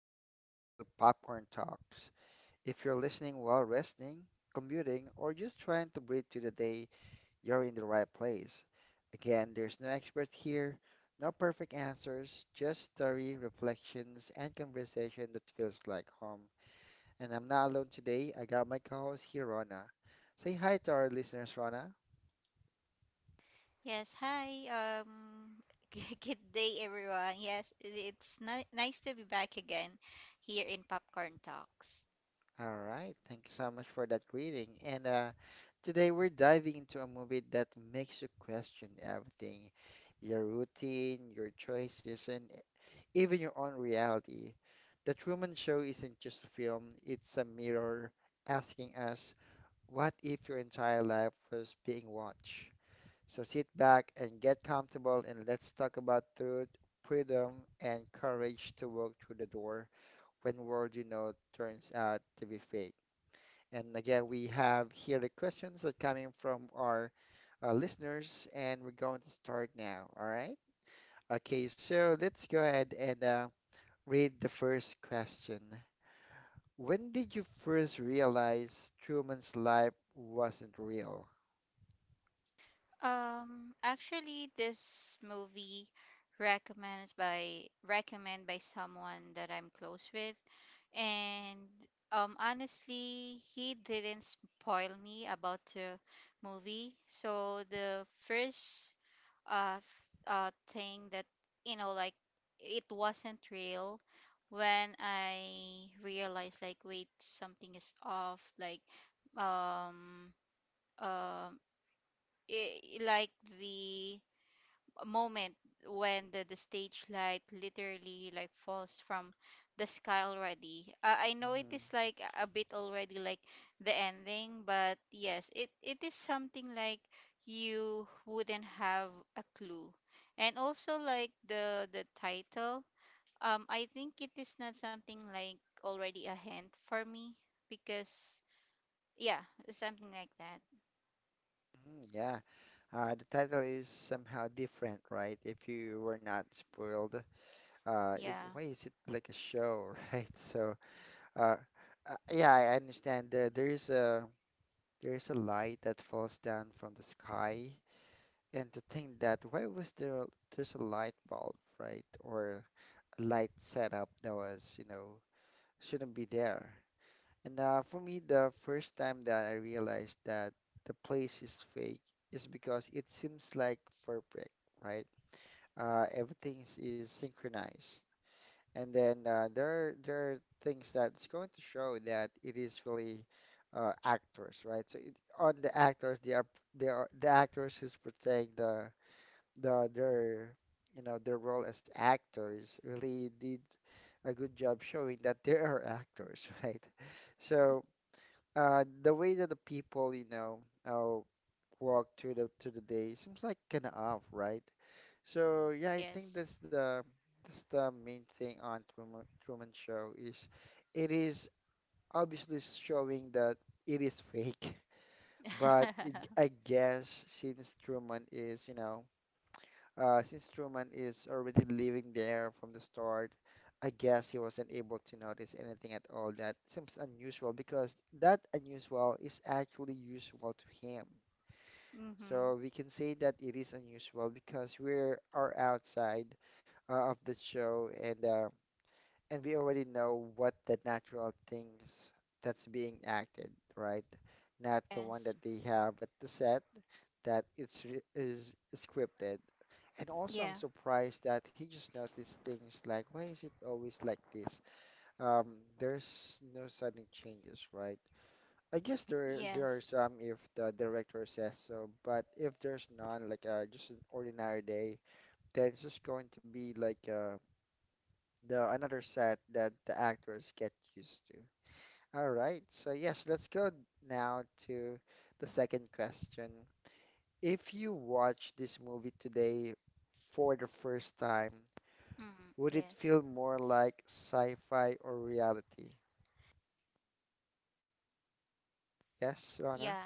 welcome back to Popcorn Talks. If you're listening while resting, commuting, or just trying to breathe through the day, you're in the right place. Again, there's no expert here, no perfect answers, just story, reflections, and conversation that feels like home. And I'm not alone today. I got my co-host here, Rona. Say hi to our listeners, Rona. Yes, hi. Good day, everyone. Yes, it's nice to be back again here in Popcorn Talks. All right, thank you so much for that reading. And Today we're diving into a movie that makes you question everything, your routine, your choices, and even your own reality. The Truman Show isn't just a film, it's a mirror asking us, what if your entire life was being watched? So sit back and get comfortable, and let's talk about truth, freedom, and courage to walk through the door when world you know turns out to be fake. And again, we have here the questions that coming from our listeners, and we're going to start now. All right. Okay, so let's go ahead and read the first question. When did you first realize Truman's life wasn't real? Actually, this movie recommend by someone that I'm close with, and honestly, he didn't spoil me about the movie. So the first uh s- thing that you know like it wasn't real when I realized like, wait, something is off, like um um I like the moment when the stage light literally like falls from the sky already. I know it Mhm. is like a bit already like the ending, but yes, it is something like you wouldn't have a clue. And also like the title, I think it is not something like already a hint for me because yeah, something like that. Mm, yeah, the title is somehow different, right? If you were not spoiled, Yeah, why is it like a show, right? So, uh, yeah, I understand there is a light that falls down from the sky, and to think that why was there there's a light bulb, right? Or a light setup that was, you know, shouldn't be there. And For me, the first time that I realized that the place is fake is because it seems like perfect, right? Everything is synchronized. And then there are things that's going to show that it is really actors, right? So it, on the actors, they are the actors who's portraying the their you know their role as actors really did a good job showing that they are actors, right? So the way that the people you know uh, walk through the to the day seems like kind of off, right? So yeah, I think yes. That's the main thing on Truman Show is it is obviously showing that it is fake, but I guess since Truman is, you know, since Truman is already living there from the start, I guess he wasn't able to notice anything at all that seems unusual because that unusual is actually usual to him. Mm-hmm. So we can say that it is unusual because we are outside of the show and and we already know what the natural things that's being acted, right? Not the one Yes. that they have at the set that is scripted. And also, I'm Yeah. surprised that he just noticed things like, why is it always like this? Um, there's no sudden changes, right? I guess there are Yes. some if the director says so, but if there's none, like just an ordinary day, then it's just going to be like the another set that the actors get used to. All right, so yes, let's go now to the second question. If you watch this movie today for the first time, Mm, would it yes. feel more like sci-fi or reality? Yes, Yeah. Rana?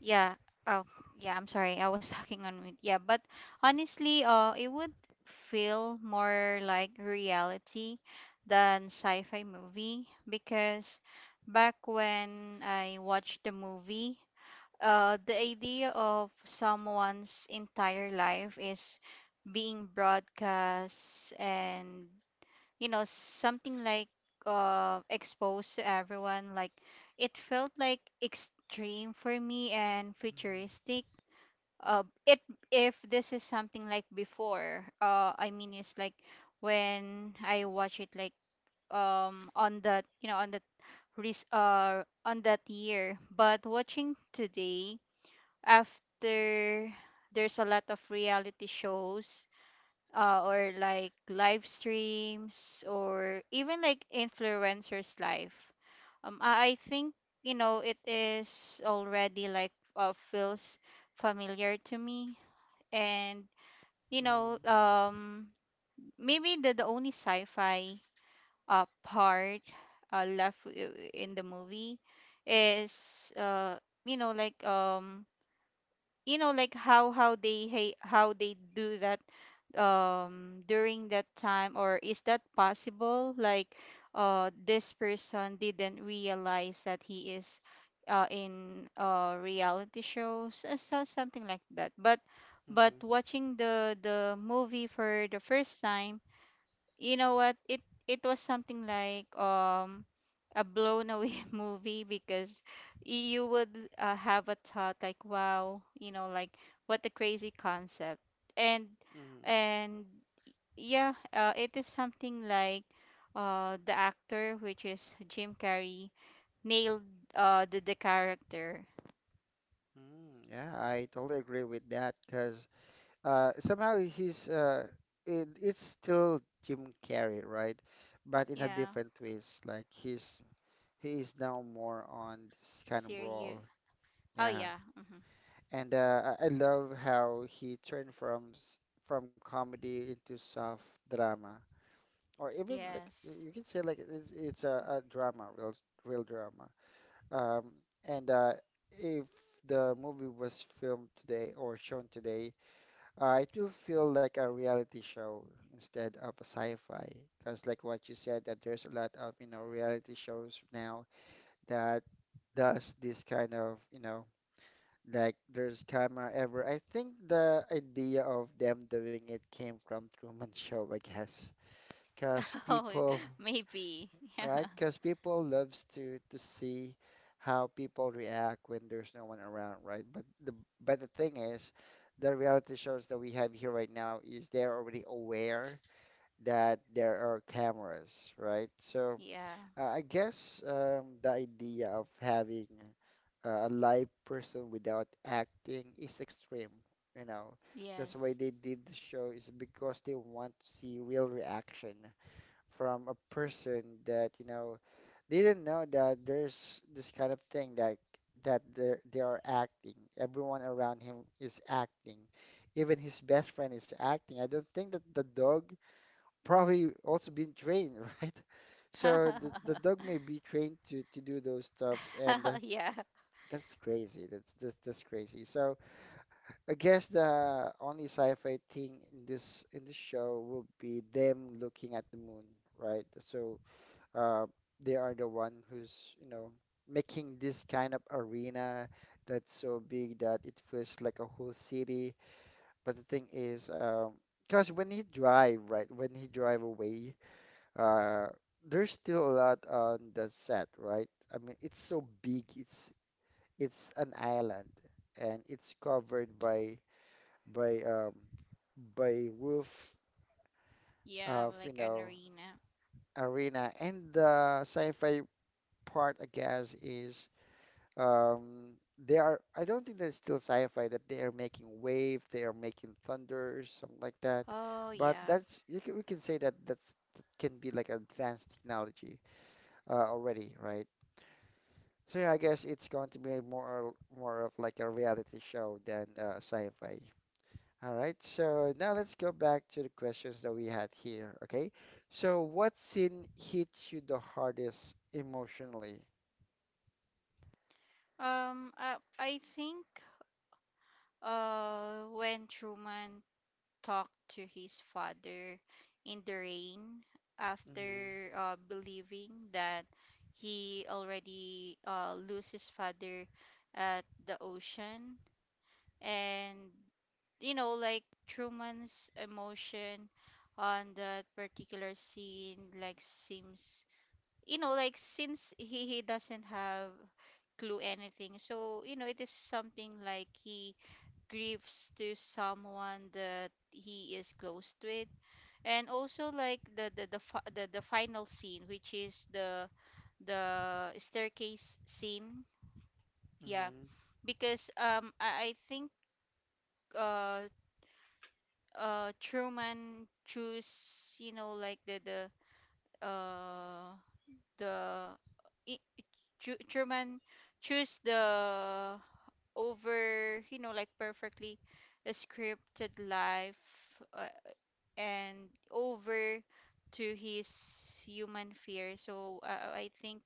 Yeah. Oh, yeah, I'm sorry. I was talking on mute. Yeah, but honestly, it would feel more like reality than sci-fi movie because back when I watched the movie, the idea of someone's entire life is being broadcast and you know something like exposed to everyone, like it felt like extreme for me and futuristic. Mm-hmm. It If this is something like before, I mean, it's like when I watch it like on that, you know, on that on that year, but watching today after, there's a lot of reality shows, or like live streams or even like influencers life. I think, you know, it is already like, feels familiar to me. And, you know, maybe the only sci-fi part left in the movie is, you know, like, you know, like how how they do that during that time, or is that possible like this person didn't realize that he is in reality shows, so something like that. But Mm-hmm. watching the movie for the first time, you know what? It was something like a blown away movie because you would, have a thought like, wow, you know, like what a crazy concept. And Mm-hmm. and yeah, it is something like the actor, which is Jim Carrey, nailed the character. Mm, yeah, I totally agree with that because somehow he's it's still Jim Carrey, right? But in a Yeah, different twist. Like he's he is now more on this kind of serious. role. Oh Yeah, yeah. Hmm. and I love how he turned from comedy into soft drama, or even like Yes. you can say like it's a drama, real real drama. Um, and If the movie was filmed today or shown today, it will feel like a reality show instead of a sci-fi. Because like what you said, that there's a lot of, you know, reality shows now that does this kind of, you know, like there's camera ever. I think the idea of them doing it came from Truman Show, I guess. Because Oh, people maybe. Yeah. right? Because people loves to see how people react when there's no one around, right? But the thing is, the reality shows that we have here right now is they're already aware that there are cameras, right? So Yeah. I guess the idea of having a live person without acting is extreme, you know. That's Yes. why they did the show is because they want to see real reaction from a person that, you know, they didn't know that there's this kind of thing that that they are acting. Everyone around him is acting. Even his best friend is acting. I don't think that the dog probably also been trained, right? So the dog may be trained to do those stuffs, and Yeah. that's crazy. That's that's crazy. So I guess the only sci-fi thing in this show will be them looking at the moon, right? So uh, they are the one who's, you know, making this kind of arena that's so big that it feels like a whole city. But the thing is, because when he drive, right, when he drive away, uh, there's still a lot on the set, right? I mean, it's so big. It's an island, and it's covered by by um, by roof Yeah, of like you an know arena. arena. And the sci-fi part, I guess, is um, they are, I don't think that's still sci-fi that they are making wave, they are making thunders, something like that. Oh But yeah. that's, you can, we can say that that's, that can be like advanced technology already, right? So yeah, I guess it's going to be more, more of like a reality show than sci-fi. All right, so now let's go back to the questions that we had here, okay? So what scene hit you the hardest emotionally? I think when Truman talked to his father in the rain Mm-hmm, after believing that he already lose his father at the ocean. And, you know, like Truman's emotion on that particular scene like seems, you know, like since he doesn't have clue anything. So, you know, it is something like he grieves to someone that he is close with. And also like the final scene, which is the staircase scene. Yeah, mm-hmm, because I think uh truman choose you know, like uh the i- Truman choose the over, you know, like perfectly scripted life, uh, and over to his human fear. So I think,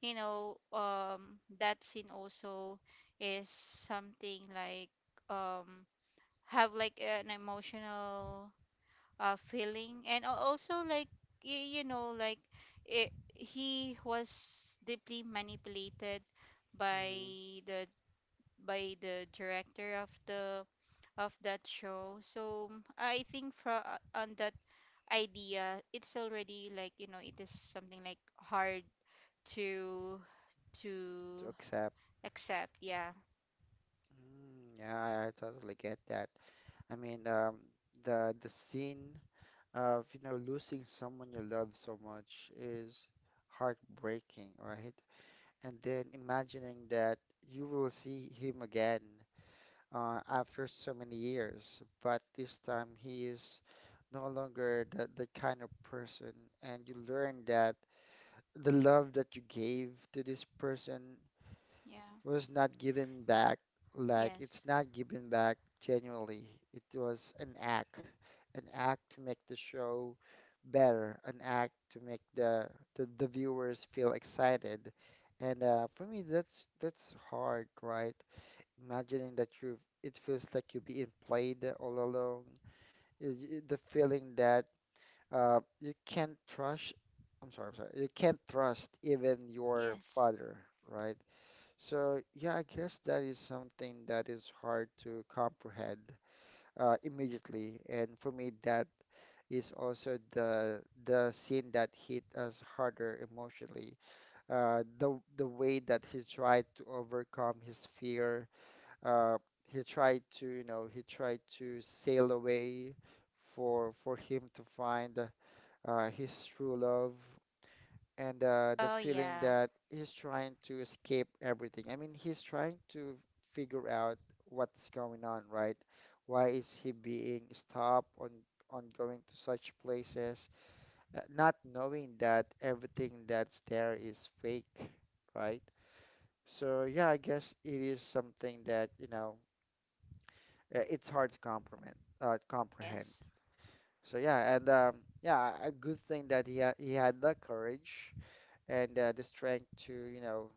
you know, that scene also is something like um have like an emotional feeling. And also like, you know, like it, he was deeply manipulated by mm-hmm. the by the director of the of that show. So mm, I think from on that idea, it's already like, you know, it is something like hard to To to accept. accept. Yeah. Mm, yeah, I totally get that. I mean, the scene of, you know, losing someone you love so much is heartbreaking, right? And then imagining that you will see him again after so many years, but this time he is no longer that that kind of person, and you learn that the love that you gave to this person Yeah. was not given back like it's Yes. not given back genuinely. It was an act to make the show better, an act to make the viewers feel excited. And For me, that's hard, right? Imagining that you it feels like you're being played all alone. You- the feeling that you can't trust. I'm sorry, I'm sorry. You can't trust even your Yes. father, right? So, yeah, I guess that is something that is hard to comprehend immediately. And for me, that is also the scene that hit us harder emotionally. The way that he tried to overcome his fear, uh, he tried to, you know, he tried to sail away for him to find his true love, and the Oh feeling yeah. that he's trying to escape everything. I mean, he's trying to figure out what's going on, right? Why is he being stopped on going to such places, not knowing that everything that's there is fake, right? So yeah, I guess it is something that, you know, it's hard to comprehend, comprehend. Yes. So yeah, and yeah, a good thing that he had the courage and the strength to, you know,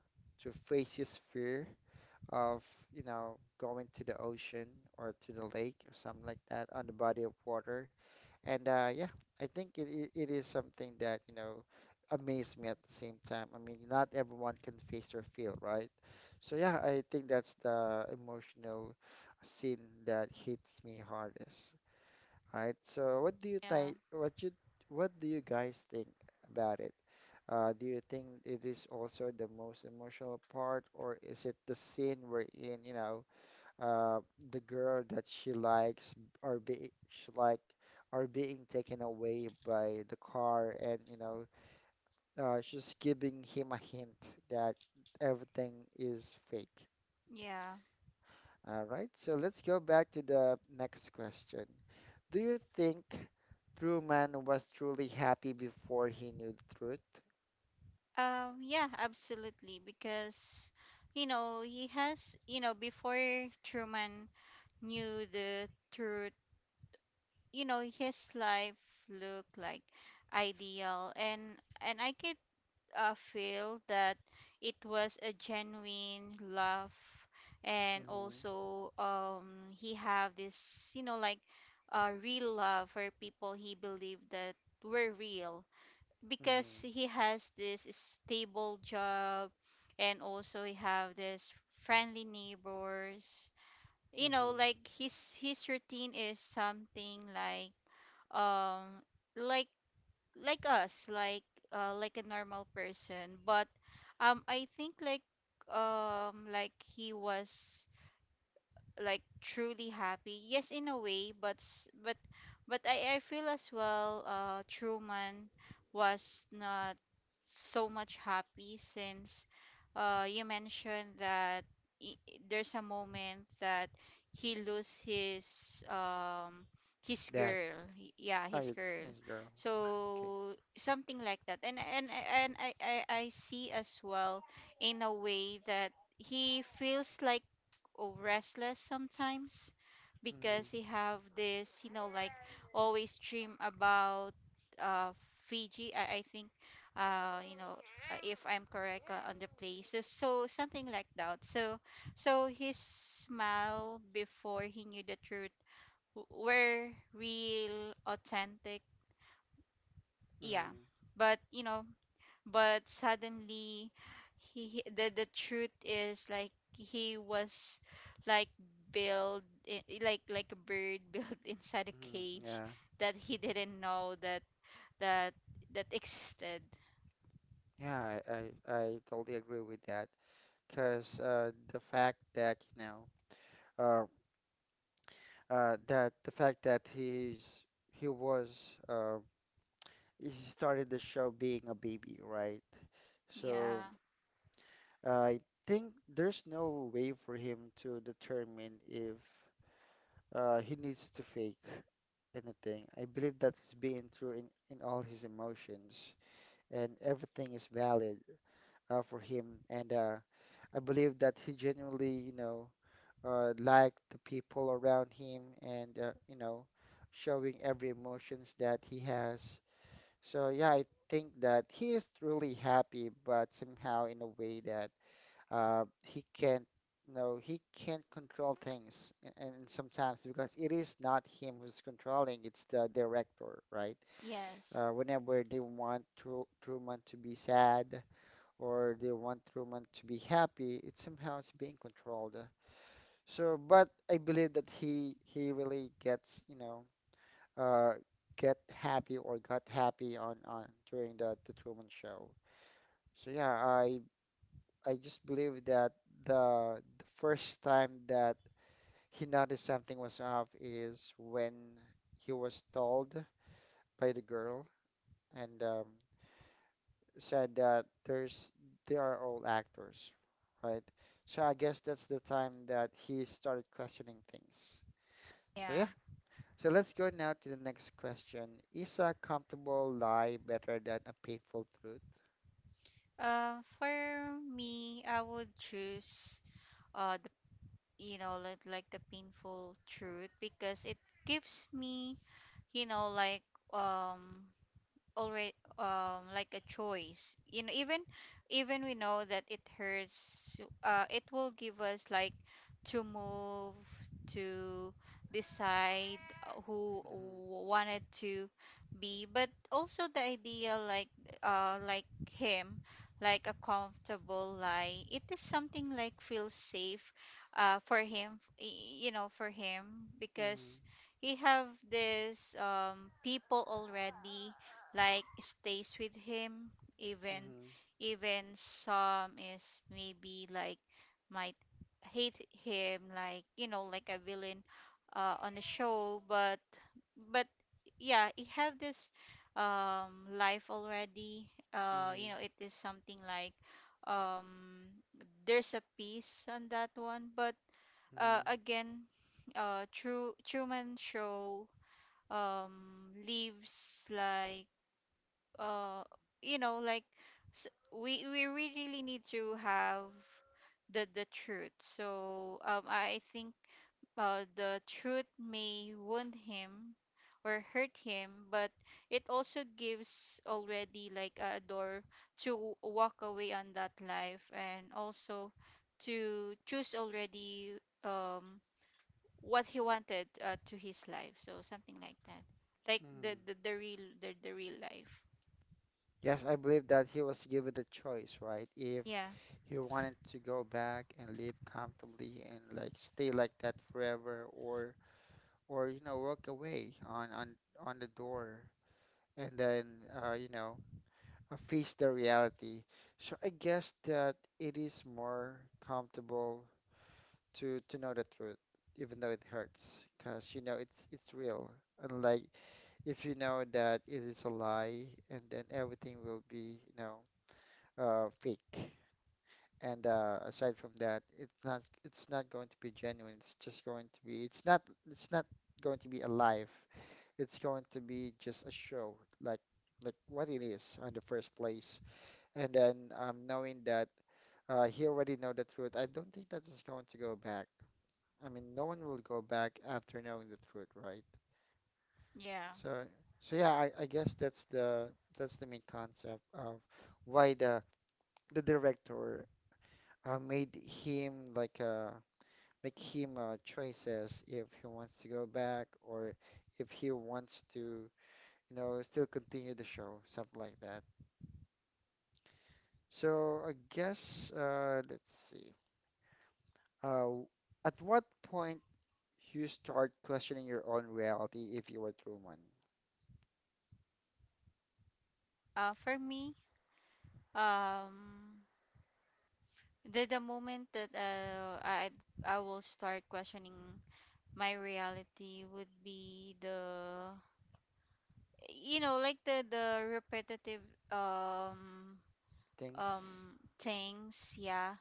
to face his fear of, you know, going to the ocean or to the lake or something like that on the body of water. And yeah, I think it is something that, you know, amazed me at the same time. I mean, not everyone can face their fear, right? So yeah, I think that's the emotional scene that hits me hardest. Right. So what do you Yeah. think? What you what do you guys think about it? Do you think it is also the most emotional part, or is it the scene wherein, you know, uh, the girl that she likes are be she like are being taken away by the car, and you know, she's giving him a hint that everything is fake. Yeah. All right. So let's go back to the next question. Do you think Truman was truly happy before he knew the truth? Yeah, absolutely. Because, you know, he has, you know, before Truman knew the truth, you know, his life looked like ideal, and I could, feel that it was a genuine love. And Mm-hmm. also he have this, you know, like a real love for people he believed that were real, because Mm-hmm. he has this stable job, and also he have this friendly neighbors. You Mm-hmm. know, like his routine is something um like like us, like a normal person. But I think like he was, like, truly happy? Yes, in a way, but but but I feel as well Truman was not so much happy since you mentioned that there's a moment that he lose his That. girl. Yeah, Oh, his you girl. it's a girl. Okay. So something like that. And I see as well in a way that he feels like, oh, restless sometimes because he Mm-hmm. have this, you know, like always dream about uh, Fiji. I think, you know, if I'm correct on the place, so, so something like that. So, so his smile before he knew the truth were real, authentic. Yeah, Mm-hmm. but, you know, but suddenly the truth is like he was like built, like a bird built inside a Mm-hmm. cage Yeah. that he didn't know that that that existed. Yeah, I totally agree with that. Because the fact that, you know, uh, that the fact that he's he was he started the show being a baby, right? Yeah. So I think there's no way for him to determine if he needs to fake anything. I believe that he's being true in all his emotions, and everything is valid for him. And I believe that he genuinely, liked the people around him, and showing every emotions that he has. So yeah, I think that he is truly happy, but somehow in a way that he can't, he can't control things, and sometimes because it is not him who's controlling, it's the director, right? Yes. Whenever they want Truman to be sad or they want Truman to be happy, it somehow is being controlled. So but I believe that he really gets, you know, uh, get happy or got happy on during the Truman Show. So yeah, I just believe that the first time that he noticed something was off is when he was told by the girl, and said that there's, they are all actors, right? So I guess that's the time that he started questioning things. So Yeah. yeah. So let's go now to the next question. Is a comfortable lie better than a painful truth? For me, I would choose the, you know, like the painful truth, because it gives me, you know, like um already like a choice. You know, even even we know that it hurts, it will give us like to move to decide who Mm. wanted to be. But also the idea like him, like a comfortable lie, it is something like feels safe for him, you know, for him, Mm. because he have this people already like stays with him, even Mhm. even some is maybe like might hate him, like you know, like a villain on the show. But yeah, he have this life already, you Mhm. know, it is something like um there's a peace on that one. But Mhm. again, true Truman Show um leaves like uh you know, like we really need to have the truth. So I think the truth may wound him or hurt him, but it also gives already like a door to walk away on that life, and also to choose already um what he wanted, to his life, so something like that, like the Mhm. the, the real the, the real life. Yes, I believe that he was given the choice, right? If Yeah. he wanted to go back and live comfortably and like stay like that forever, or you know walk away on on the door, and then face the reality. So I guess that it is more comfortable to know the truth, even though it hurts, because you know it's real. Unlike if you know that it is a lie, and then everything will be, you know, fake. And aside from that, it's not, it's not going to be genuine. It's just going to be, it's not going to be alive. It's going to be just a show, like like what it is on the first place. And then knowing that he already know the truth, I don't think that is going to go back. I mean, no one will go back after knowing the truth, right? Yeah. So so yeah, I guess that's the main concept of why the director made him like make him choices if he wants to go back, or if he wants to, you know, still continue the show, stuff like that. So I guess let's see. Uh, at what point you start questioning your own reality if you were Truman? For me, um, the moment that I will start questioning my reality would be the, you know, like the repetitive um Thanks. Things. Yeah.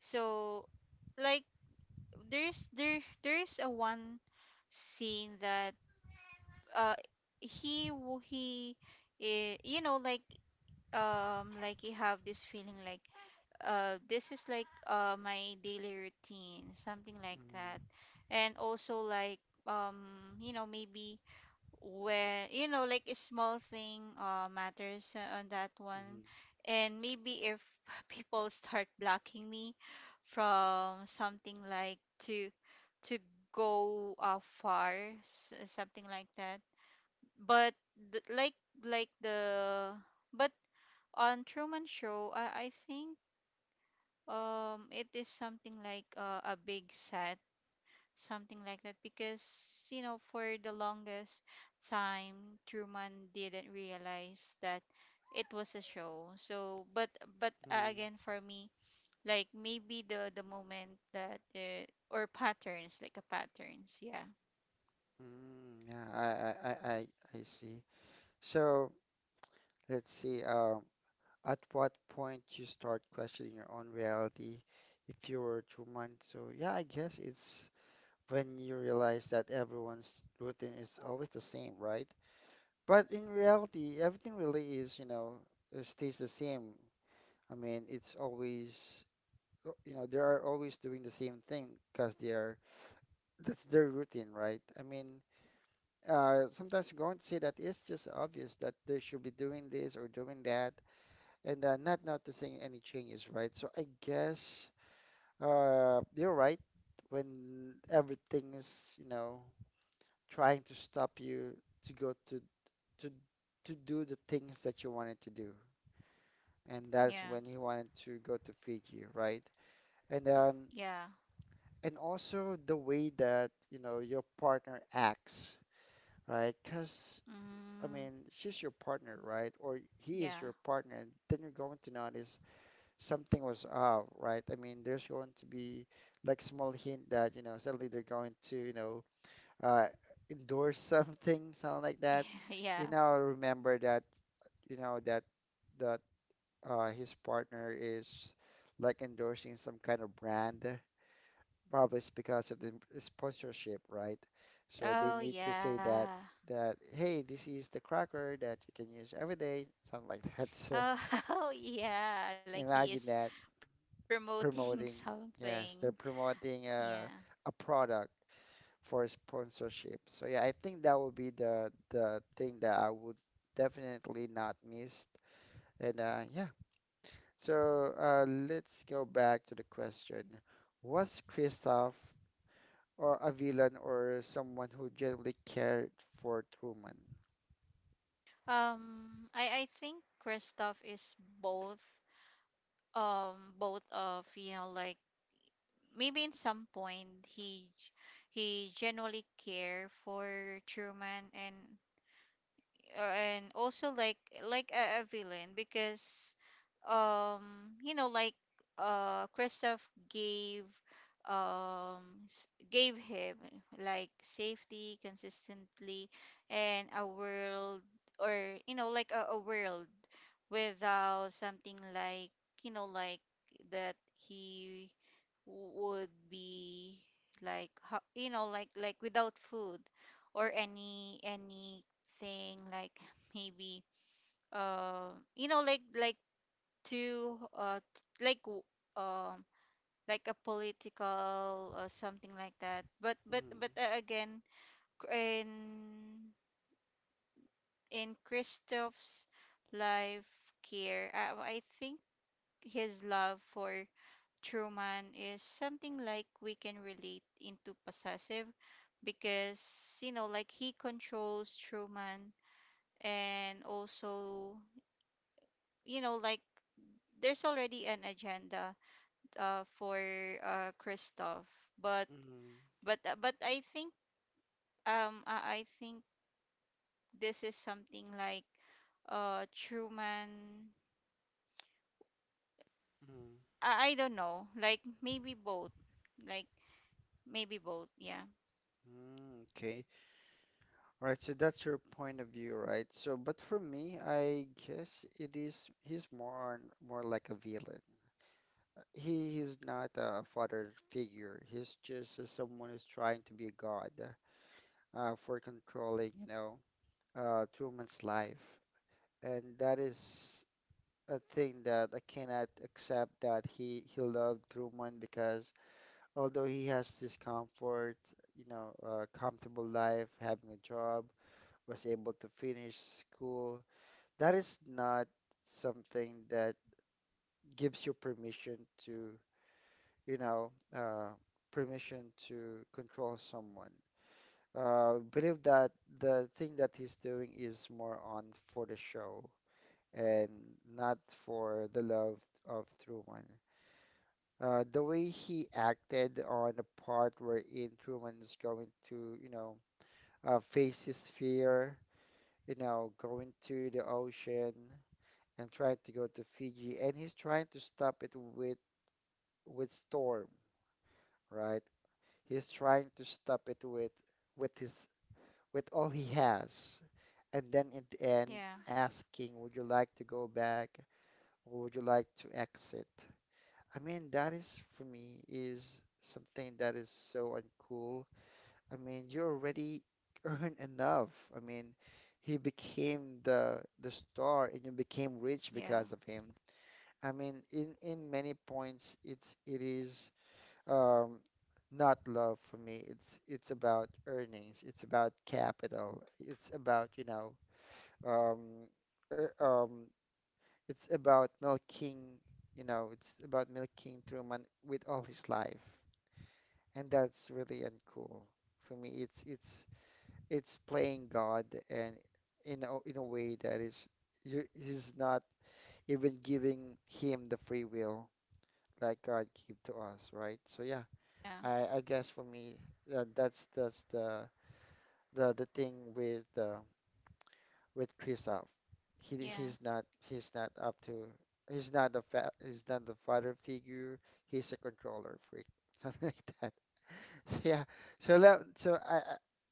So like there's there's a one scene that uh he w- he eh, you know, like you have this feeling like this is like my daily routine, something like Mm. that. And also like you know, maybe when you know like a small thing matters on that Mm. one. And maybe if people start blocking me from something like to to go far, something like that. But th- like the but on Truman Show, I think it is something like a big set, something like that, because you know, for the longest time, Truman didn't realize that it was a show. So, but again, Mm. for me, like maybe the moment that or patterns, like a patterns, yeah, Mm. Yeah, I see. So let's see. At what point you start questioning your own reality if you were human? So yeah, I guess it's when you realize that everyone's routine is always the same, right? But in reality, everything really is, you know, stays the same. I mean, it's always, you know, they are always doing the same thing because they are, that's their routine, right? I mean, sometimes you're going to say that it's just obvious that they should be doing this or doing that, and not noticing any changes, right? So I guess you're right, when everything is, you know, trying to stop you to go to to do the things that you wanted to do, and that's yeah, when he wanted to go to Fiji, right? And um, yeah, and also the way that you know your partner acts, right? Because I mm, mean, she's your partner, right? Or he yeah, is your partner, and then you're going to notice something was off, right? I mean, there's going to be like small hint that, you know, suddenly they're going to, you know, uh, endorse something, something like that. yeah, yeah. You know, remember that, you know, that his partner is like endorsing some kind of brand. Probably it's because of the sponsorship, right? So they Oh need to say that yeah. that hey, this is the cracker that you can use every day, something like that. So Oh, oh yeah, like he imagine is that. promoting Promoting. something. Yes, they're promoting Yeah. A product for sponsorship. So yeah, I think that would be the thing that I would definitely not miss. And yeah, so let's go back to the question. Was Kristoff or a villain, or someone who generally cared for Truman? I think Kristoff is both. Both of, you know, like maybe in some point he genuinely care for Truman, and also like a villain, because you know, like Kristoff gave gave him like safety consistently and a world, or you know, like a world without something like, you know, like that he would be like, you know, like without food or any anything like maybe you know, like to like um like a political or something like that. But Mm-hmm. Again, cr- in in Christoph's life care, I think his love for Truman is something like we can relate into possessive, because you know like he controls Truman, and also you know, like there's already an agenda for Kristoff. But Mm-hmm. But I think I think this is something like Truman, Mm-hmm. I don't know, like maybe both, like maybe both. Yeah. Mm, okay. All right, so that's your point of view, right? So, but for me, I guess it is he's more like a villain. He is not a father figure. He's just someone who's trying to be a god for controlling, you know, two life, and that is a thing that I cannot accept that he loved Truman. Because although he has this comfort, you know, comfortable life, having a job, was able to finish school, that is not something that gives you permission to, you know, permission to control someone. Believe that the thing that he's doing is more on for the show, and not for the love of Truman. The way he acted on the part wherein Truman is going to, you know, face his fear, you know, going to the ocean and trying to go to Fiji, and he's trying to stop it with Storm, right? He's trying to stop it with his with all he has, and then in the end Yeah. asking, "Would you like to go back, or would you like to exit?" I mean, that is for me is something that is so uncool. I mean, you already earned enough. I mean, he became the star, and you became rich because Yeah. of him. I mean, in many points, it's it is um, not love for me. It's about earnings. It's about capital. It's about, you know, um, er, um, it's about milking, you know, it's about milking Truman with all his life, and that's really uncool for me. It's playing God, and in a way that is you, he's not even giving him the free will that God gave to us, right? So yeah, Yeah. I guess for me that's the thing with Kristoff. Yeah, He's not up to he's not the fa he's not the father figure. He's a controller freak, something like that. So yeah, so that so I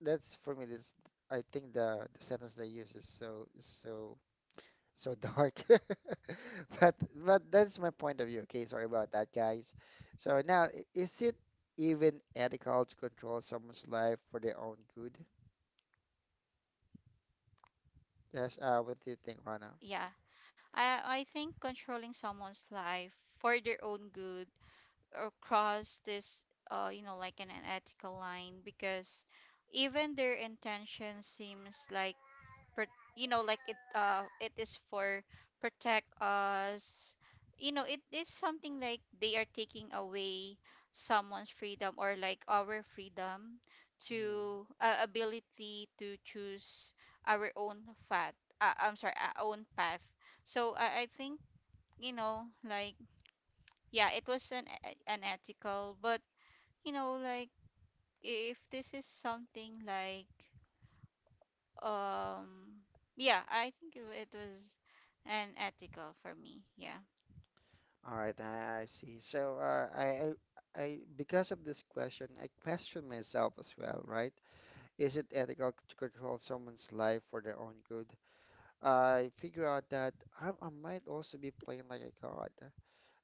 that's for me. This I think the sentence they use is so so dark. But but that's my point of view. Okay, sorry about that, guys. So now, is it even ethical to control someone's life for their own good? Yes, what do you think, Rana? Yeah, I think controlling someone's life for their own good or cross this, you know, like an unethical line, because even their intention seems like, pro- you know, like it it is for protect us, you know, it is something like they are taking away someone's freedom or like our freedom Mm. to ability to choose our own path, I'm sorry, our own path. So I think, you know, like yeah, it was an unethical. But you know like, if This is something like um yeah, I think it was an ethical for me, yeah. All right, I see. So I because of this question, I question myself as well, right? Is it ethical to control someone's life for their own good? I figure out that I might also be playing like a god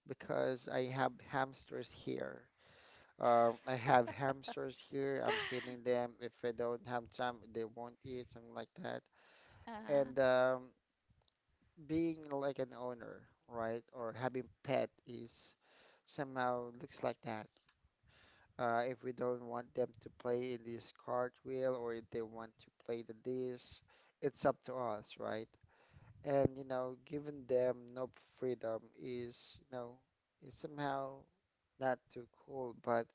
because I have hamsters here. I have hamsters here. I'm feeding them. If I don't have time, they won't eat, something like that. uh And being like an owner, right, or having pet is somehow looks like that. If we don't want them to play in this cartwheel, or if they want to play the this, it's up to us, right? And you know, giving them no freedom is, you know, is somehow not too cool. But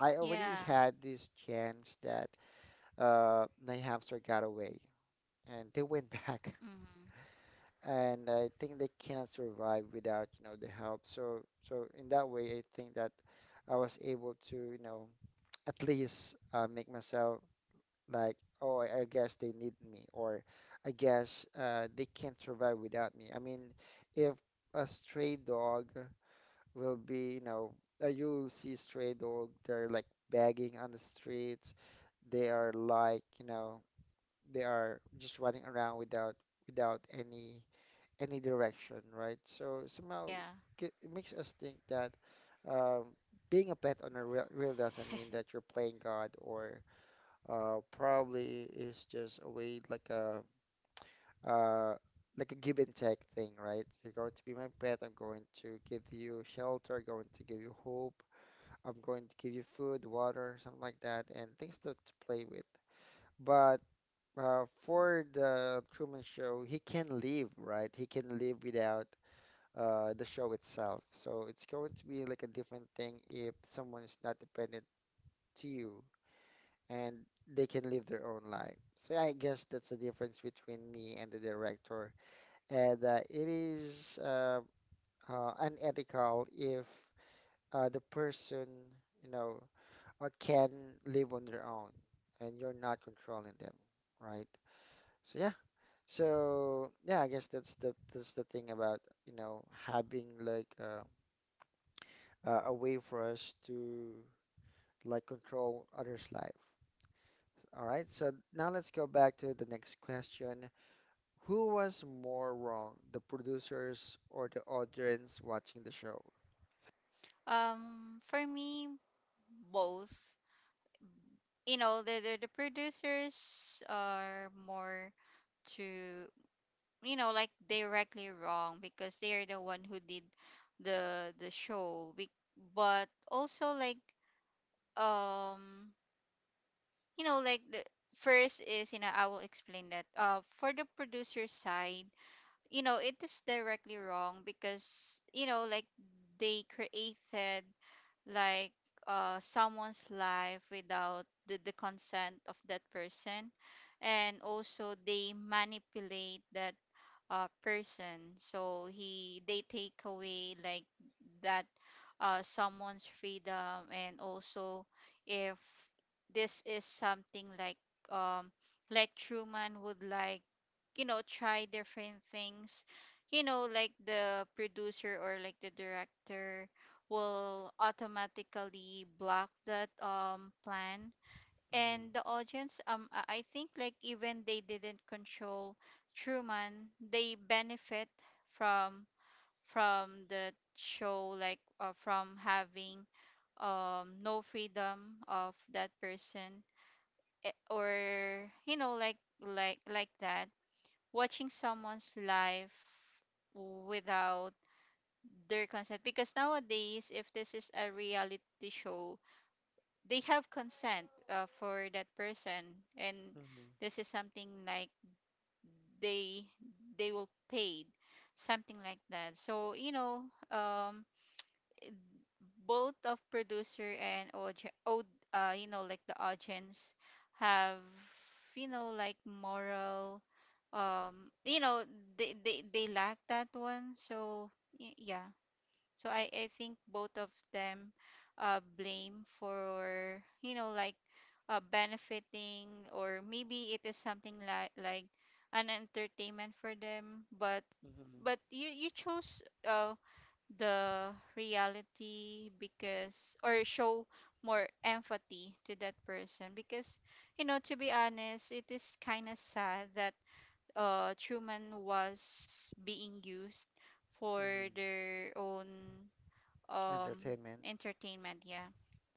I already yeah. had this chance that my hamster got away, and they went back, Hmm. and I think they can't survive without, you know, the help. So so in that way, I think that I was able to, you know, at least make myself like, oh, I guess they need me, or I guess they can't survive without me. I mean, if a stray dog will be, you know, you'll see stray dog, they're like begging on the streets, they are like, you know, they are just running around without without any any direction, right? So somehow Yeah. it makes us think that um, being a pet owner real, really doesn't mean that you're playing God, or probably is just a way uh, like a give and take thing, right? You're going to be my pet. I'm going to give you shelter, going to give you hope. I'm going to give you food, water, something like that, and things to play with. But for the Truman Show, he can leave, right? He can leave without the show itself. So it's going to be like a different thing if someone is not dependent to you, and they can live their own life. So yeah, I guess that's the difference between me and the director. And it is unethical if the person, you know, can live on their own, and you're not controlling them, right? So yeah. So yeah, I guess that's the thing about having a way for us to like control others' life. All right, so now let's go back to the next question. Who was more wrong, the producers or the audience watching the show? For me, both. You know, the producers are more to, you know, like, directly wrong because they are the one who did the show. But also like, um you know, like, the first is, you know, I will explain that, for the producer side. You know, it is directly wrong because, you know, like they created, like, someone's life without the consent of that person. And also they manipulate that person. So he they take away, like, that someone's freedom. And also, if this is something like, um like, Truman would, like, you know, try different things. You know, like, the producer or like the director will automatically block that plan. Mm-hmm. And the audience, I think, like, even they didn't control Truman, they benefit from from the show, like, from having no freedom of that person, or, you know, like that, watching someone's life without their consent. Because nowadays if this is a reality show, they have consent for that person, and Mm-hmm. this is something like they they will paid something like that. So, you know, um both of producer and you know, like, the audience, have, you know, like, moral, you know, they lack that one. So, yeah. So, I think both of them blame for, you know, like, benefiting, or maybe it is something like, an entertainment for them. But, Mm-hmm. You chose, uh, the reality because or show more empathy to that person. Because, you know, to be honest, it is kind of sad that Truman was being used for Mm-hmm. their own um Entertainment. entertainment. Yeah.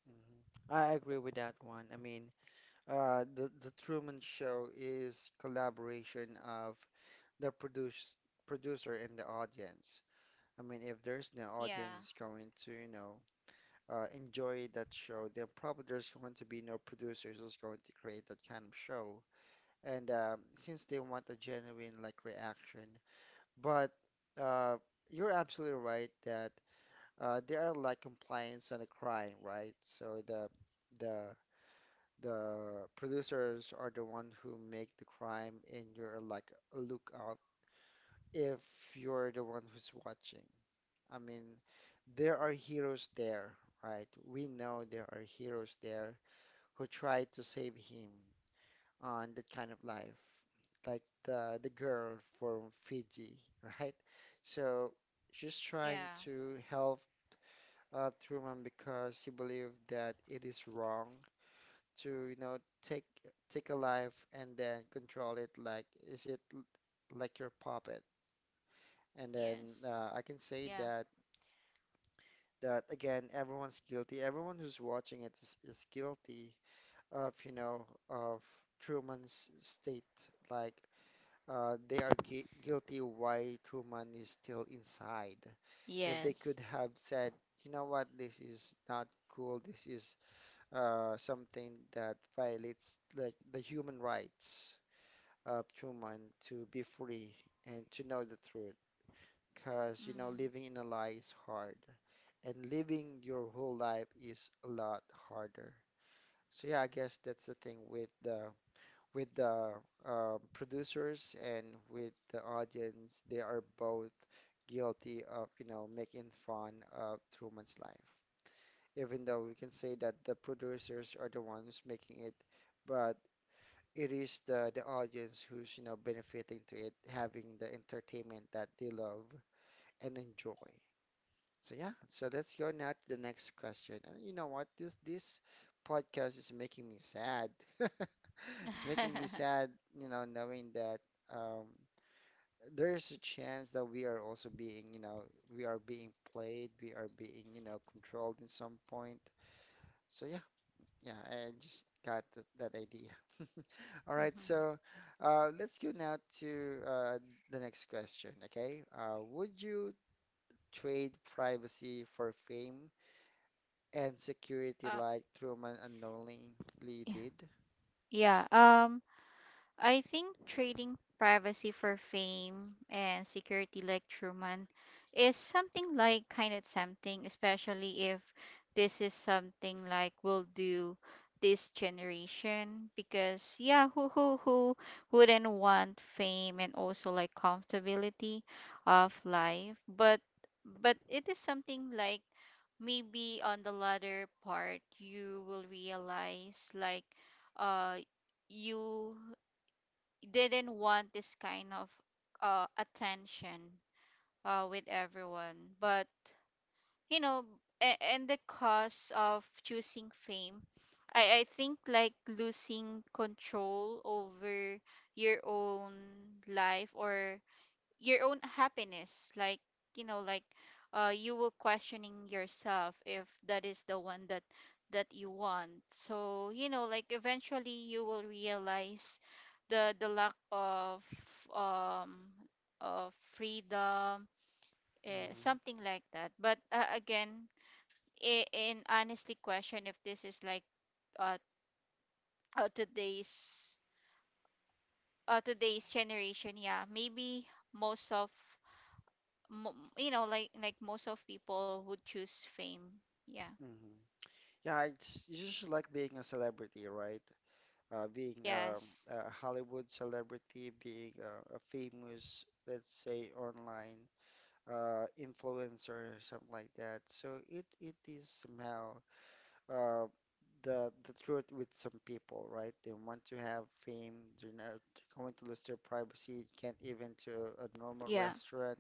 Mm-hmm. I agree with that one. I mean, The Truman Show is collaboration of the producer and the audience. I mean, if there's no Yeah. audience going to, enjoy that show, then probably there's going to be no producers who's going to create that kind of show. And Since they want a genuine like reaction, but uh, you're absolutely right that they are like compliance and a crime, right? So the the the producers are the one who make the crime and you're like a lookout if you're the one who's watching. I mean, there are heroes there, right? We know there are heroes there who try to save him on that kind of life, like the girl from Fiji, right? So she's trying Yeah. to help Truman because he believed that it is wrong to, you know, take take a life and then control it like is like your puppet? And then Yes. I can say Yeah. that that again, everyone's guilty. Everyone who's watching it is guilty of, you know, of Truman's state. Like they are guilty why Truman is still inside. If they Yes. could have said, you know what, this is not cool. This is something that violates like the human rights of human to be free and to know the truth. Because, you know, Mm-hmm. living in a lie is hard, and living your whole life is a lot harder. So yeah, I guess that's the thing with the producers and with the audience. They are both guilty of, you know, making fun of Truman's life. Even though we can say that the producers are the ones making it, but it is the audience who's, you know, benefiting to it, having the entertainment that they love and enjoy. So yeah, so let's go now to the next question. And you know what, this podcast is making me sad. It's making me sad, you know, knowing that um there is a chance that we are also being, you know, we are being played, we are being, you know, controlled in some point. So yeah. Yeah, I just got th that idea. All right, Mm-hmm. so let's go now to uh, the next question, okay? Would you trade privacy for fame and uh security like Truman unknowingly yeah. did? Yeah. I think trading privacy for fame and security like Truman is something like kind of tempting, especially if this is something like will do this generation. Because, yeah, who wouldn't want fame, and also like comfortability of life? But, it is something like maybe on the latter part, you will realize, like, uh you didn't want this kind of attention with everyone. But, you know, and the cost of choosing fame, I think, like, losing control over your own life, or your own happiness, like, you know, like, you will questioning yourself if that is the one that you want. So, you know, like, eventually you will realize the lack um of freedom, Mm, something like that. But, again, in honestly question if this is like, uh, today's, today's generation. Yeah, maybe most of, you know, like, most of people would choose fame. Yeah. mhm. Yeah, it's just like being a celebrity, right? Being Yes. a Hollywood celebrity, being a famous, let's say, online influencer, or something like that. So it is somehow uh, the truth with some people, right? They want to have fame. They're not going to lose their privacy. Can't even to a normal Yeah. restaurant.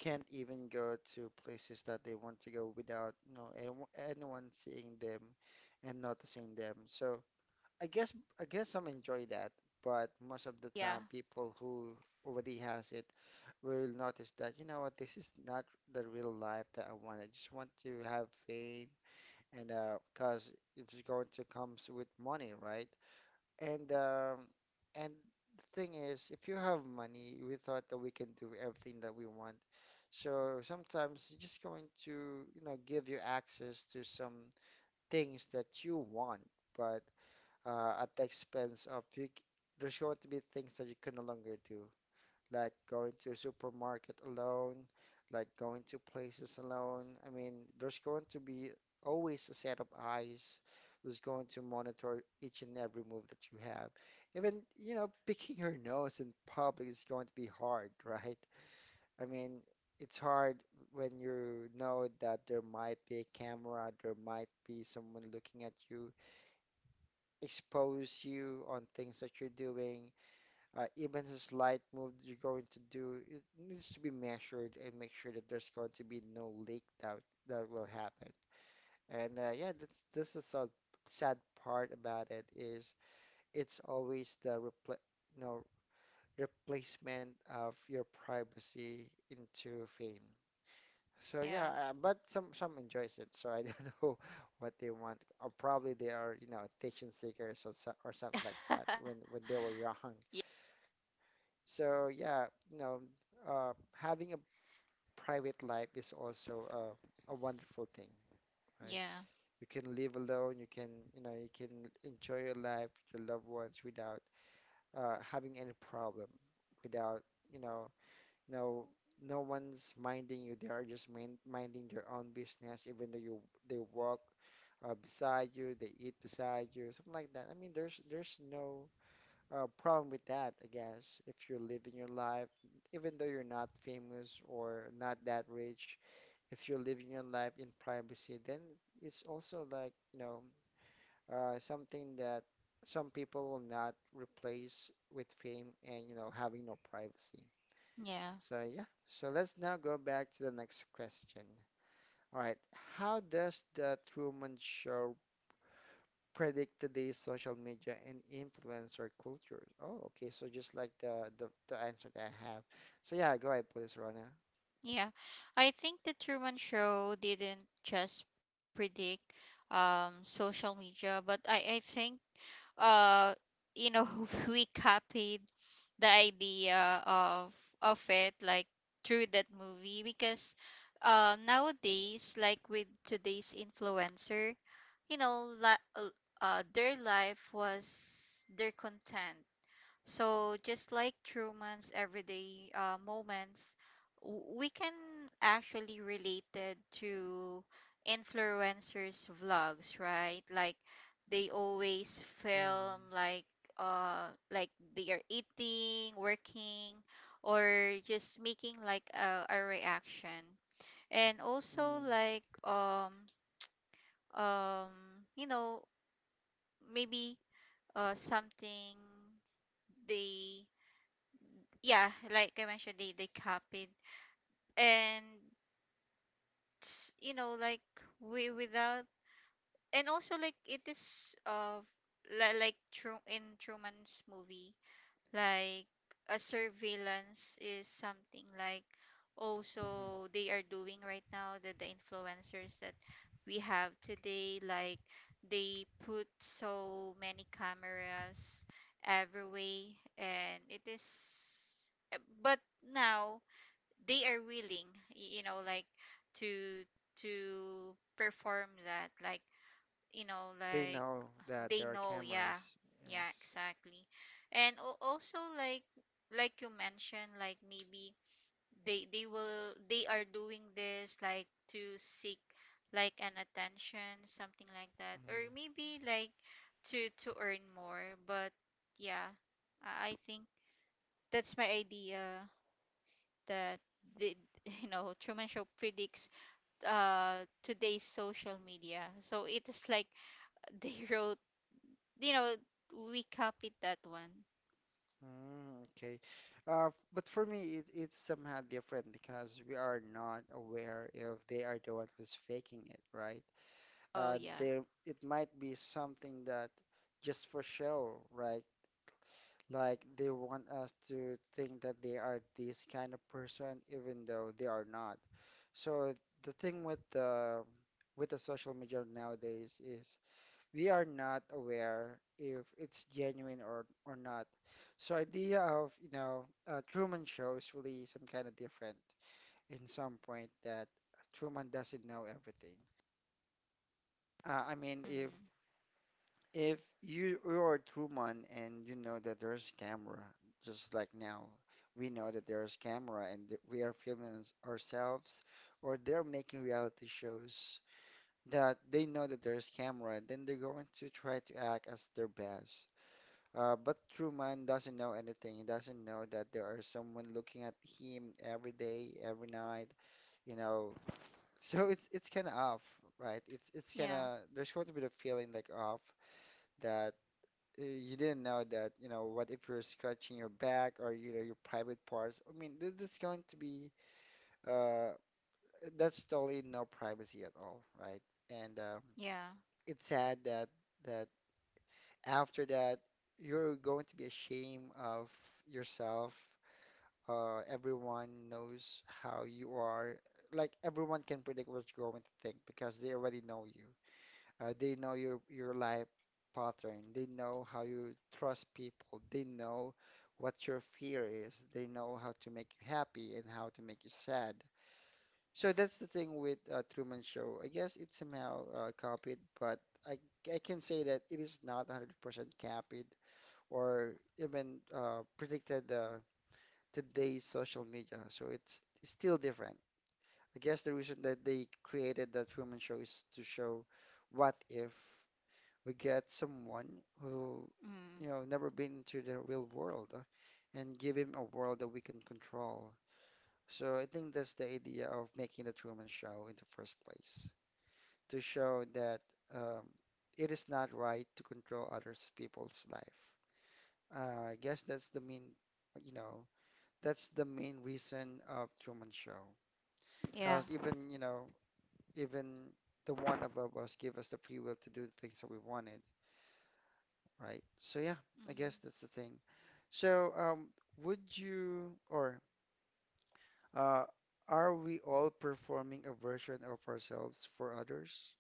Can't even go to places that they want to go without, you know, anyone seeing them and noticing them. So. I guess I guess some enjoy that, but most of the Yeah. time, people who already has it will notice that, you know what, this is not the real life that I want. I just want to have fame, and because it's going to comes with money, right? And um, and the thing is, if you have money, we thought that we can do everything that we want. So sometimes it's just going to, you know, give you access to some things that you want, but at the expense of you. There's going to be things that you can no longer do, like going to a supermarket alone, like going to places alone. I mean, there's going to be always a set of eyes who's going to monitor each and every move that you have. Even, you know, picking your nose in public is going to be hard, right? I mean, it's hard when you know that there might be a camera, there might be someone looking at you expose you on things that you're doing. Even a slight move that you're going to do, it needs to be measured and make sure that there's going to be no leak that will happen. And yeah, that's this is a sad part about it is it's always the repl you know, replacement of your privacy into fame. So Yeah. yeah, but some enjoys it. So I don't know what they want, or probably they are, you know, attention seekers or so, or something like that when they were young. So yeah, you know, having a private life is also a wonderful thing, right? Yeah. You can live alone. You can, you know, you can enjoy your life, with your loved ones without having any problem, without, you know, No, no one's minding you. They are just minding their own business, even though you they walk beside you, they eat beside you, something like that. I mean, there's no problem with that, I guess, if you're living your life, even though you're not famous or not that rich, if you're living your life in privacy, then it's also like, you know, something that some people will not replace with fame and, you know, having no privacy. Yeah. So yeah, so let's now go back to the next question. All right, how does the Truman Show predict today's social media and influencer culture? Oh, okay, so just like the answer that I have. So yeah, go ahead, please, Rona. Yeah, I think the Truman Show didn't just predict social media, but I think uh you know, we copied the idea of it, like, through that movie. Because nowadays, like, with today's influencer, you know, uh, their life was their content. So just like Truman's everyday moments, we can actually relate it to influencers' vlogs, right? Like, they always film Mm, like like, they are eating, working, or just making like a reaction. And also mm, like, um you know, maybe something they, yeah, like I mentioned, they copied. And, you know, like, we without, and also like, it is of, like, true in Truman's movie, like, a surveillance is something like mm. also they are doing right now, that the influencers that we have today, like, they put so many cameras everywhere, and it is, but now they are willing, you know, like, to perform that, like, you know, They like, know that they there are know, cameras. yeah. Yeah, Yes. exactly. And, also like you mentioned, like, maybe they will, they are doing this like to seek like an attention, something like that, Mm, or maybe like, to earn more. But, yeah, I think that's my idea, that the you know, Truman Show predicts today's social media. So it is like, they wrote, you know, we copied that one. mm, okay. But for me, it, it's somehow different because we are not aware if they are the one who's faking it, right? Oh, Uh, yeah. there it might be something that just for show, right? Like they want us to think that they are this kind of person, even though they are not. So the thing with the social media nowadays is we are not aware if it's genuine or not. So idea of, you know, Truman Show is really some kind of different in some point that Truman doesn't know everything. I mean, if Hmm. You you are a true man and you know that there's camera, just like now, we know that there's camera and that we are filming ourselves, or they're making reality shows that they know that there's camera, then they're going to try to act as their best. But true man doesn't know anything. He doesn't know that there are someone looking at him every day, every night, you know. So it's kind of off, right? It's kind Yeah. of there's going to be the feeling like off that you didn't know that, you know, what if you're scratching your back or, you know, your private parts? I mean, this is going to be, uh, that's totally no privacy at all, right? And Yeah. It's sad that that after that, you're going to be ashamed of yourself. Everyone knows how you are. Like everyone can predict what you're going to think because they already know you. They know your life pattern. They know how you trust people. They know what your fear is. They know how to make you happy and how to make you sad. So that's the thing with Truman Show. I guess it's somehow copied, but I I can say that it is not 100% copied or even predicted today's social media. So it's still different. I guess the reason that they created the Truman Show is to show what if we get someone who, Mm. you know, never been into the real world and give him a world that we can control. So I think that's the idea of making the Truman Show in the first place, to show that um, it is not right to control others people's life. I guess that's the main, you know, that's the main reason of Truman Show. Yeah. Because even, you know, even the one above us give us the free will to do the things that we wanted, right? So yeah, I Mhm. guess that's the thing. So, would you or uh, are we all performing a version of ourselves for others?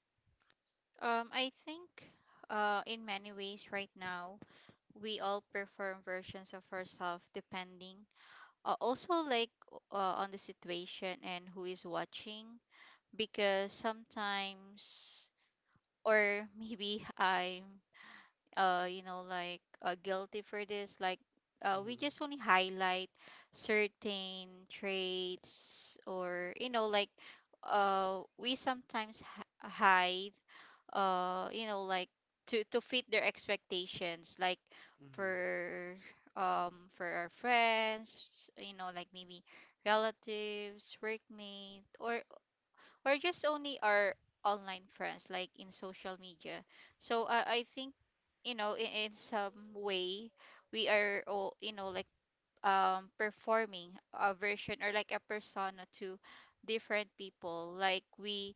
I think, in many ways right now, we all perform versions of ourselves, depending also, like, on the situation and who is watching. Because sometimes, or maybe I'm you know, like, guilty for this, like, we Mm-hmm, just only highlight certain traits, or, you know, like, we sometimes hide, you know, like, to fit their expectations, like mm-hmm, for, for our friends, you know, like maybe relatives, workmate, or we're just only our online friends, like, in social media. So I think, you know, in some way, we are all, you know, like, performing a version, or like a persona, to different people. Like we,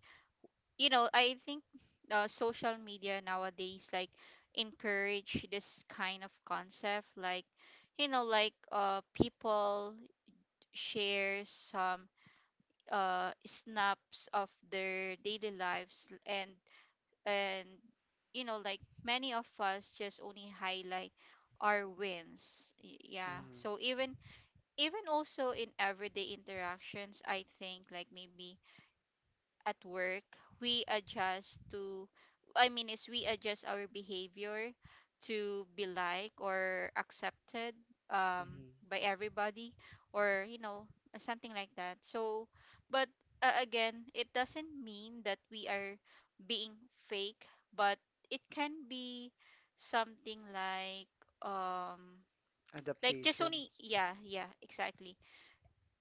you know, I think, social media nowadays, like, encourage this kind of concept, like, you know, like, people share some snaps of their daily lives, and and you know, like, many of us just only highlight our wins. Yeah, mm-hmm, so even, even also in everyday interactions, I think, like, maybe at work, we adjust to, I mean, is we adjust our behavior to be like or accepted mm-hmm. by everybody, or, you know, something like that. So, but again, it doesn't mean that we are being fake, but it can be something um, like just only, Adaptations. yeah, yeah, exactly.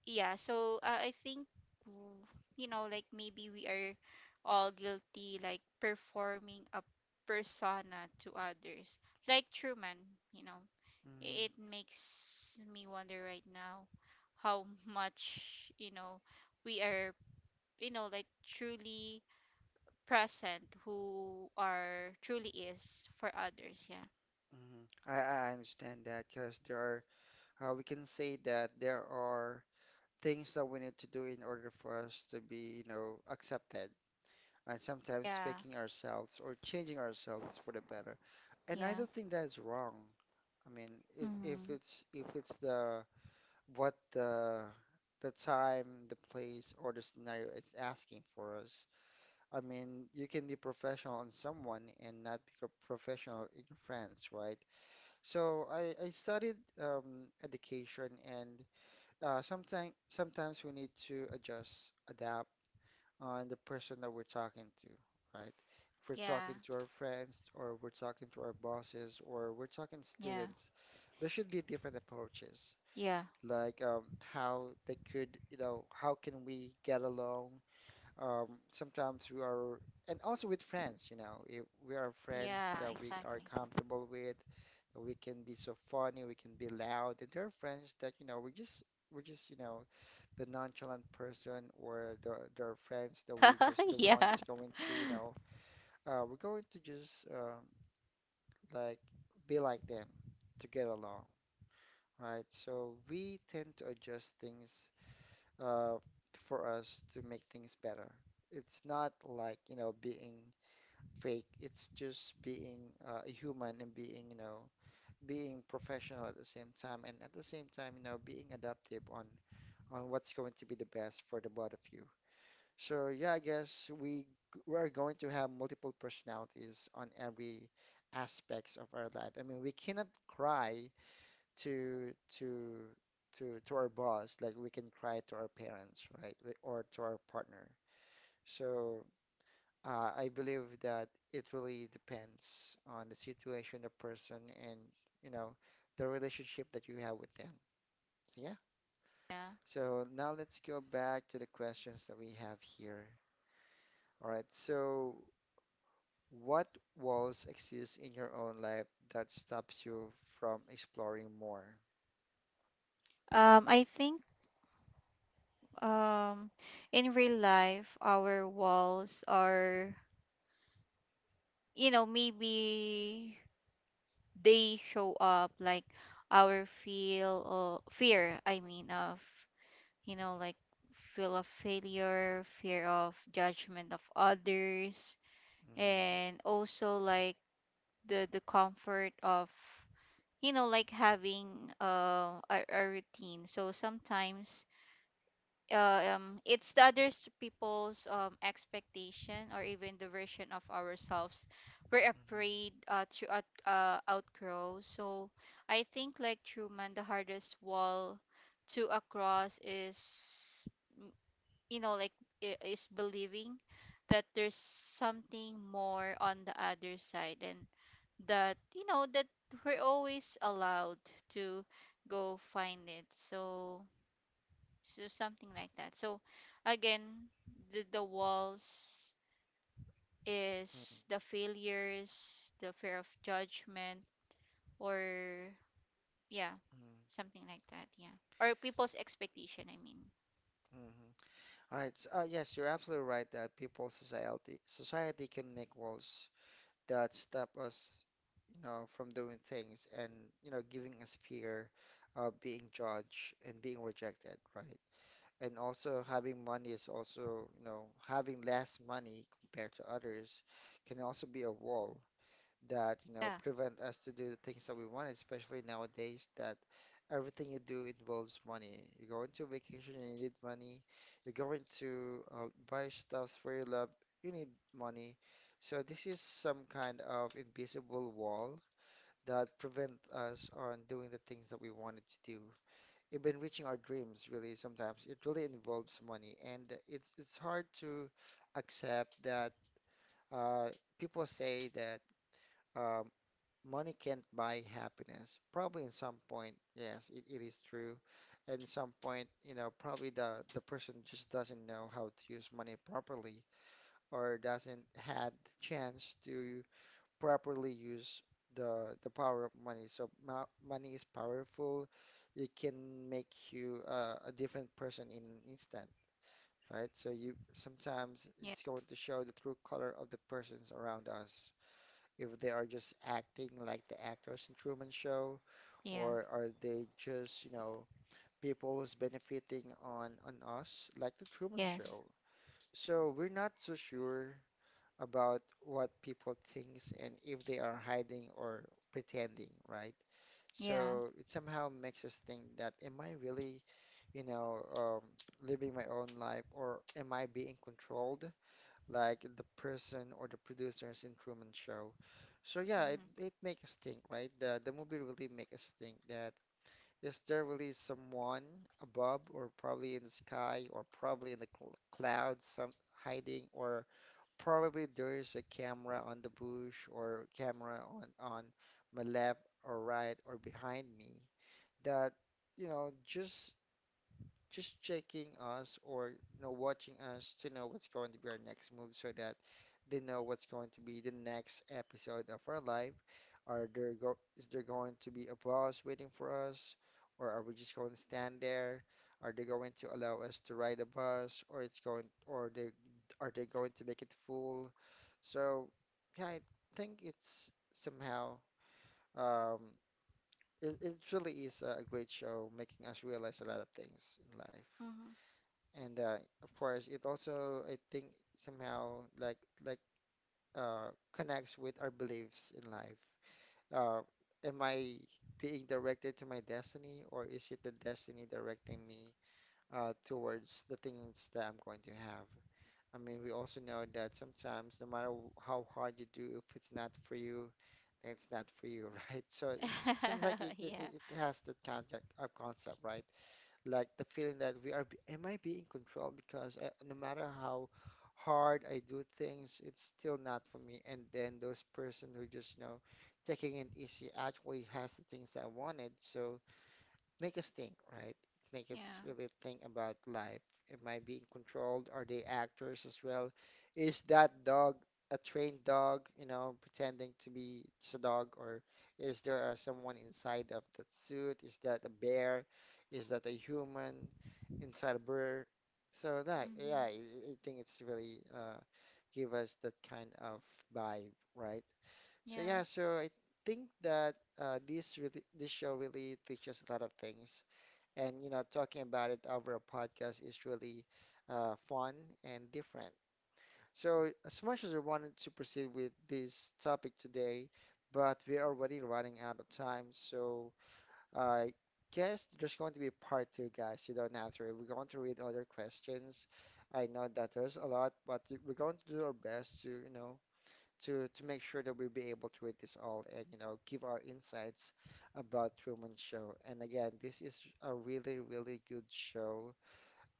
Yeah. So I think, w- you know, like, maybe we are all guilty, like, performing a persona to others, like Truman. You know, Mm-hmm, it makes me wonder right now how much, you know, we are, you know, like, truly present, who are truly is for others, yeah. mm-hmm. I understand that because there are, we can say that there are things that we need to do in order for us to be, you know, accepted. And sometimes Yeah. faking ourselves or changing ourselves for the better. And I Yeah. don't think that's wrong. I mean, if, if Mm-hmm. it's if it's the what the time, the place, or the scenario it's asking for us. I mean, you can be professional on someone and not be a professional in friends, right? So I studied education, and sometimes we need to adjust, adapt on the person that we're talking to, right? If we're Yeah. talking to our friends, or we're talking to our bosses, or we're talking Yeah. students, there should be different approaches Yeah. like how they could, you know, how can we get along? Sometimes we are, and also with friends, you know, if we are friends Yeah, that we exactly. are comfortable with, that we can be so funny, we can be loud, and there are friends that, you know, we're just, you know, the nonchalant person, or the there are friends that we're just the Yeah. ones going to, you know, we're going to just like be like them to get along, right? So we tend to adjust things uh, for us to make things better. It's not like, you know, being fake. It's just being a human and being, you know, being professional at the same time, and at the same time, you know, being adaptive on what's going to be the best for the both of you. So yeah, I guess we're going to have multiple personalities on every aspects of our life. I mean, we cannot cry to to to our boss like we can cry to our parents, right? Or to our partner. So I believe that it really depends on the situation, the person, and you know, the relationship that you have with them. So yeah. Yeah. So now let's go back to the questions that we have here. All right, so what walls exist in your own life that stops you from exploring more? I think, um, in real life, our walls are, you know, maybe they show up like our feel or fear, I mean, of, you know, like, feel of failure, fear of judgment of others, Mhm, and also like, the comfort of, you know, like, having a routine. So sometimes, it's the other people's expectation, or even the version of ourselves we're mhm, afraid to out, outgrow. So, I think, like Truman, the hardest wall to across is, mm, you know, like, is believing that there's something more on the other side, and that, you know, that we're always allowed to go find it. So, something like that. So again, the walls is the failures, the fear of judgment, or, yeah, mhm, something like that. Yeah, or people's expectation, I mean. mhm, mhm. All right. So, yes, you're absolutely right that people, society can make walls that stop us, you know, from doing things and you know, giving us fear of being judged and being rejected, right? And also having money is also, you know, having less money compared to others can also be a wall that you know, Yeah. prevent us to do the things that we want, especially nowadays that everything you do involves money. You're going to vacation and you need money. You're going to buy stuff for your love, you need money. So this is some kind of invisible wall that prevent us on doing the things that we wanted to do. Even reaching our dreams, really, sometimes it really involves money, and it's hard to accept that uh, people say that um, money can't buy happiness. Probably in some point, yes, it is true. And some point, you know, probably the person just doesn't know how to use money properly or doesn't had the chance to properly use the power of money. So mo money is powerful. It can make you a different person in an instant, right? So you sometimes Yeah. it's going to show the true color of the persons around us if they are just acting like the actors in Truman Show, Yeah. or are they just, you know, people who's benefiting on us like the Truman Yes. Show. So we're not so sure about what people thinks and if they are hiding or pretending, right? Yeah. So it somehow makes us think that am I really, you know, living my own life or am I being controlled like the person or the producers in Truman Show. So yeah, it, Mm-hmm. it makes us think, right? The movie really makes us think that is there really someone above or probably in the sky or probably in the cl clouds some hiding or probably there is a camera on the bush or camera on my left or right or behind me that you know, just checking us or you know, watching us to know what's going to be our next move so that they know what's going to be the next episode of our life. Are there go Is there going to be a boss waiting for us? Or are we just going to stand there? Are they going to allow us to ride a bus or it's going or they are they going to make it full? So yeah, I think it's somehow um it really is a great show making us realize a lot of things in life. And of course, it also, I think, somehow like connects with our beliefs in life. Uh, am I being directed to my destiny, or is it the destiny directing me towards the things that I'm going to have? I mean, we also know that sometimes, no matter how hard you do, if it's not for you, then it's not for you, right? So it Mm-hmm. seems like it it, it Yeah. it has that kind of concept, right? Like the feeling that we are, am I being controlled? Because I, no matter how hard I do things, it's still not for me. And then those person who just, you know, taking it easy actually has the things I wanted. So make us think, right? Make us Yeah. really think about life. Am I being controlled? Are they actors as well? Is that dog a trained dog, you know, pretending to be just a dog, or is there someone inside of that suit? Is that a bear? Is that a human inside a bird? So that, yeah, Mm-hmm. I think it's really give us that kind of vibe, right? So yeah, Yeah. so I think that this really, this show really teaches a lot of things, and you know, talking about it over a podcast is really fun and different. So, as much as I wanted to proceed with this topic today, but we're already running out of time. So, I guess there's going to be part two, guys. You don't have to worry. We're going to read other questions. I know that there's a lot, but we're going to do our best to, you know, to make sure that we'll be able to read this all and you know, give our insights about Truman Show. And again, this is a really really good show.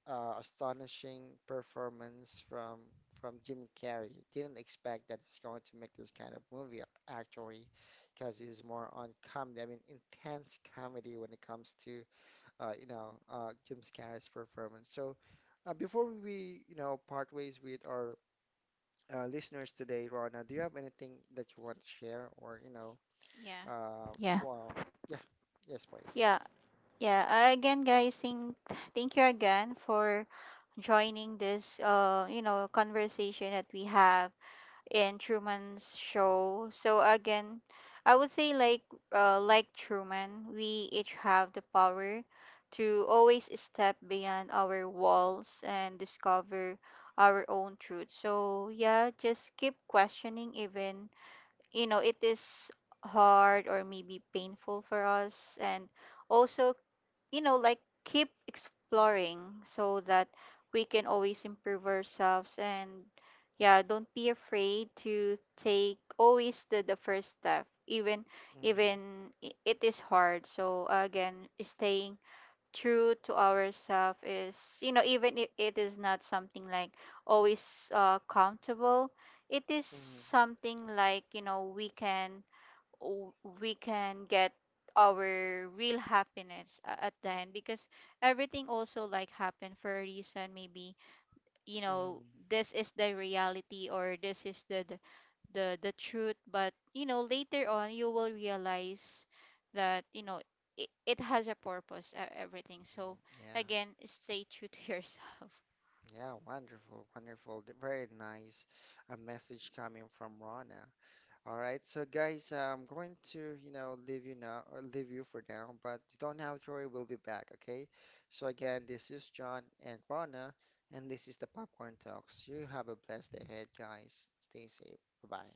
Astonishing performance from Jim Carrey. Didn't expect that it's going to make this kind of movie actually, because he's more on comedy. I mean, intense comedy when it comes to you know, Jim Carrey's performance. So. Before we, you know, part ways with our listeners today, Rona, do you have anything that you want to share or, you know, Yeah. uh, Yeah. well, yeah, yes, please. Yeah. Yeah. Again, guys, thank you again for joining this you know, conversation that we have in Truman's show. So again, I would say, like, like Truman, we each have the power to always step beyond our walls and discover our own truth. So yeah, just keep questioning, even you know it is hard or maybe painful for us. And also, you know, like, keep exploring, so that we can always improve ourselves. And yeah, don't be afraid to take always the first step, even, Mm-hmm. It is hard. So again, staying true to ourselves is, you know, even if it is not something like always comfortable, it is Mm-hmm. something like, you know, we can, w- we can get our real happiness at the end. Because everything also like happened for a reason. Maybe, you know, Mm-hmm. this is the reality, or this is the truth. But, you know, later on, you will realize that, you know, it has a purpose, everything. So Yeah. again, stay true to yourself. Yeah, wonderful, wonderful. Very nice a message coming from Rana. All right, so guys, I'm going to, you know, leave you now or leave you for now, but you don't have to worry, we'll be back, okay? So again, this is John and Rana, and this is the Popcorn Talks. You have a blessed day ahead, guys. Stay safe. Bye-bye.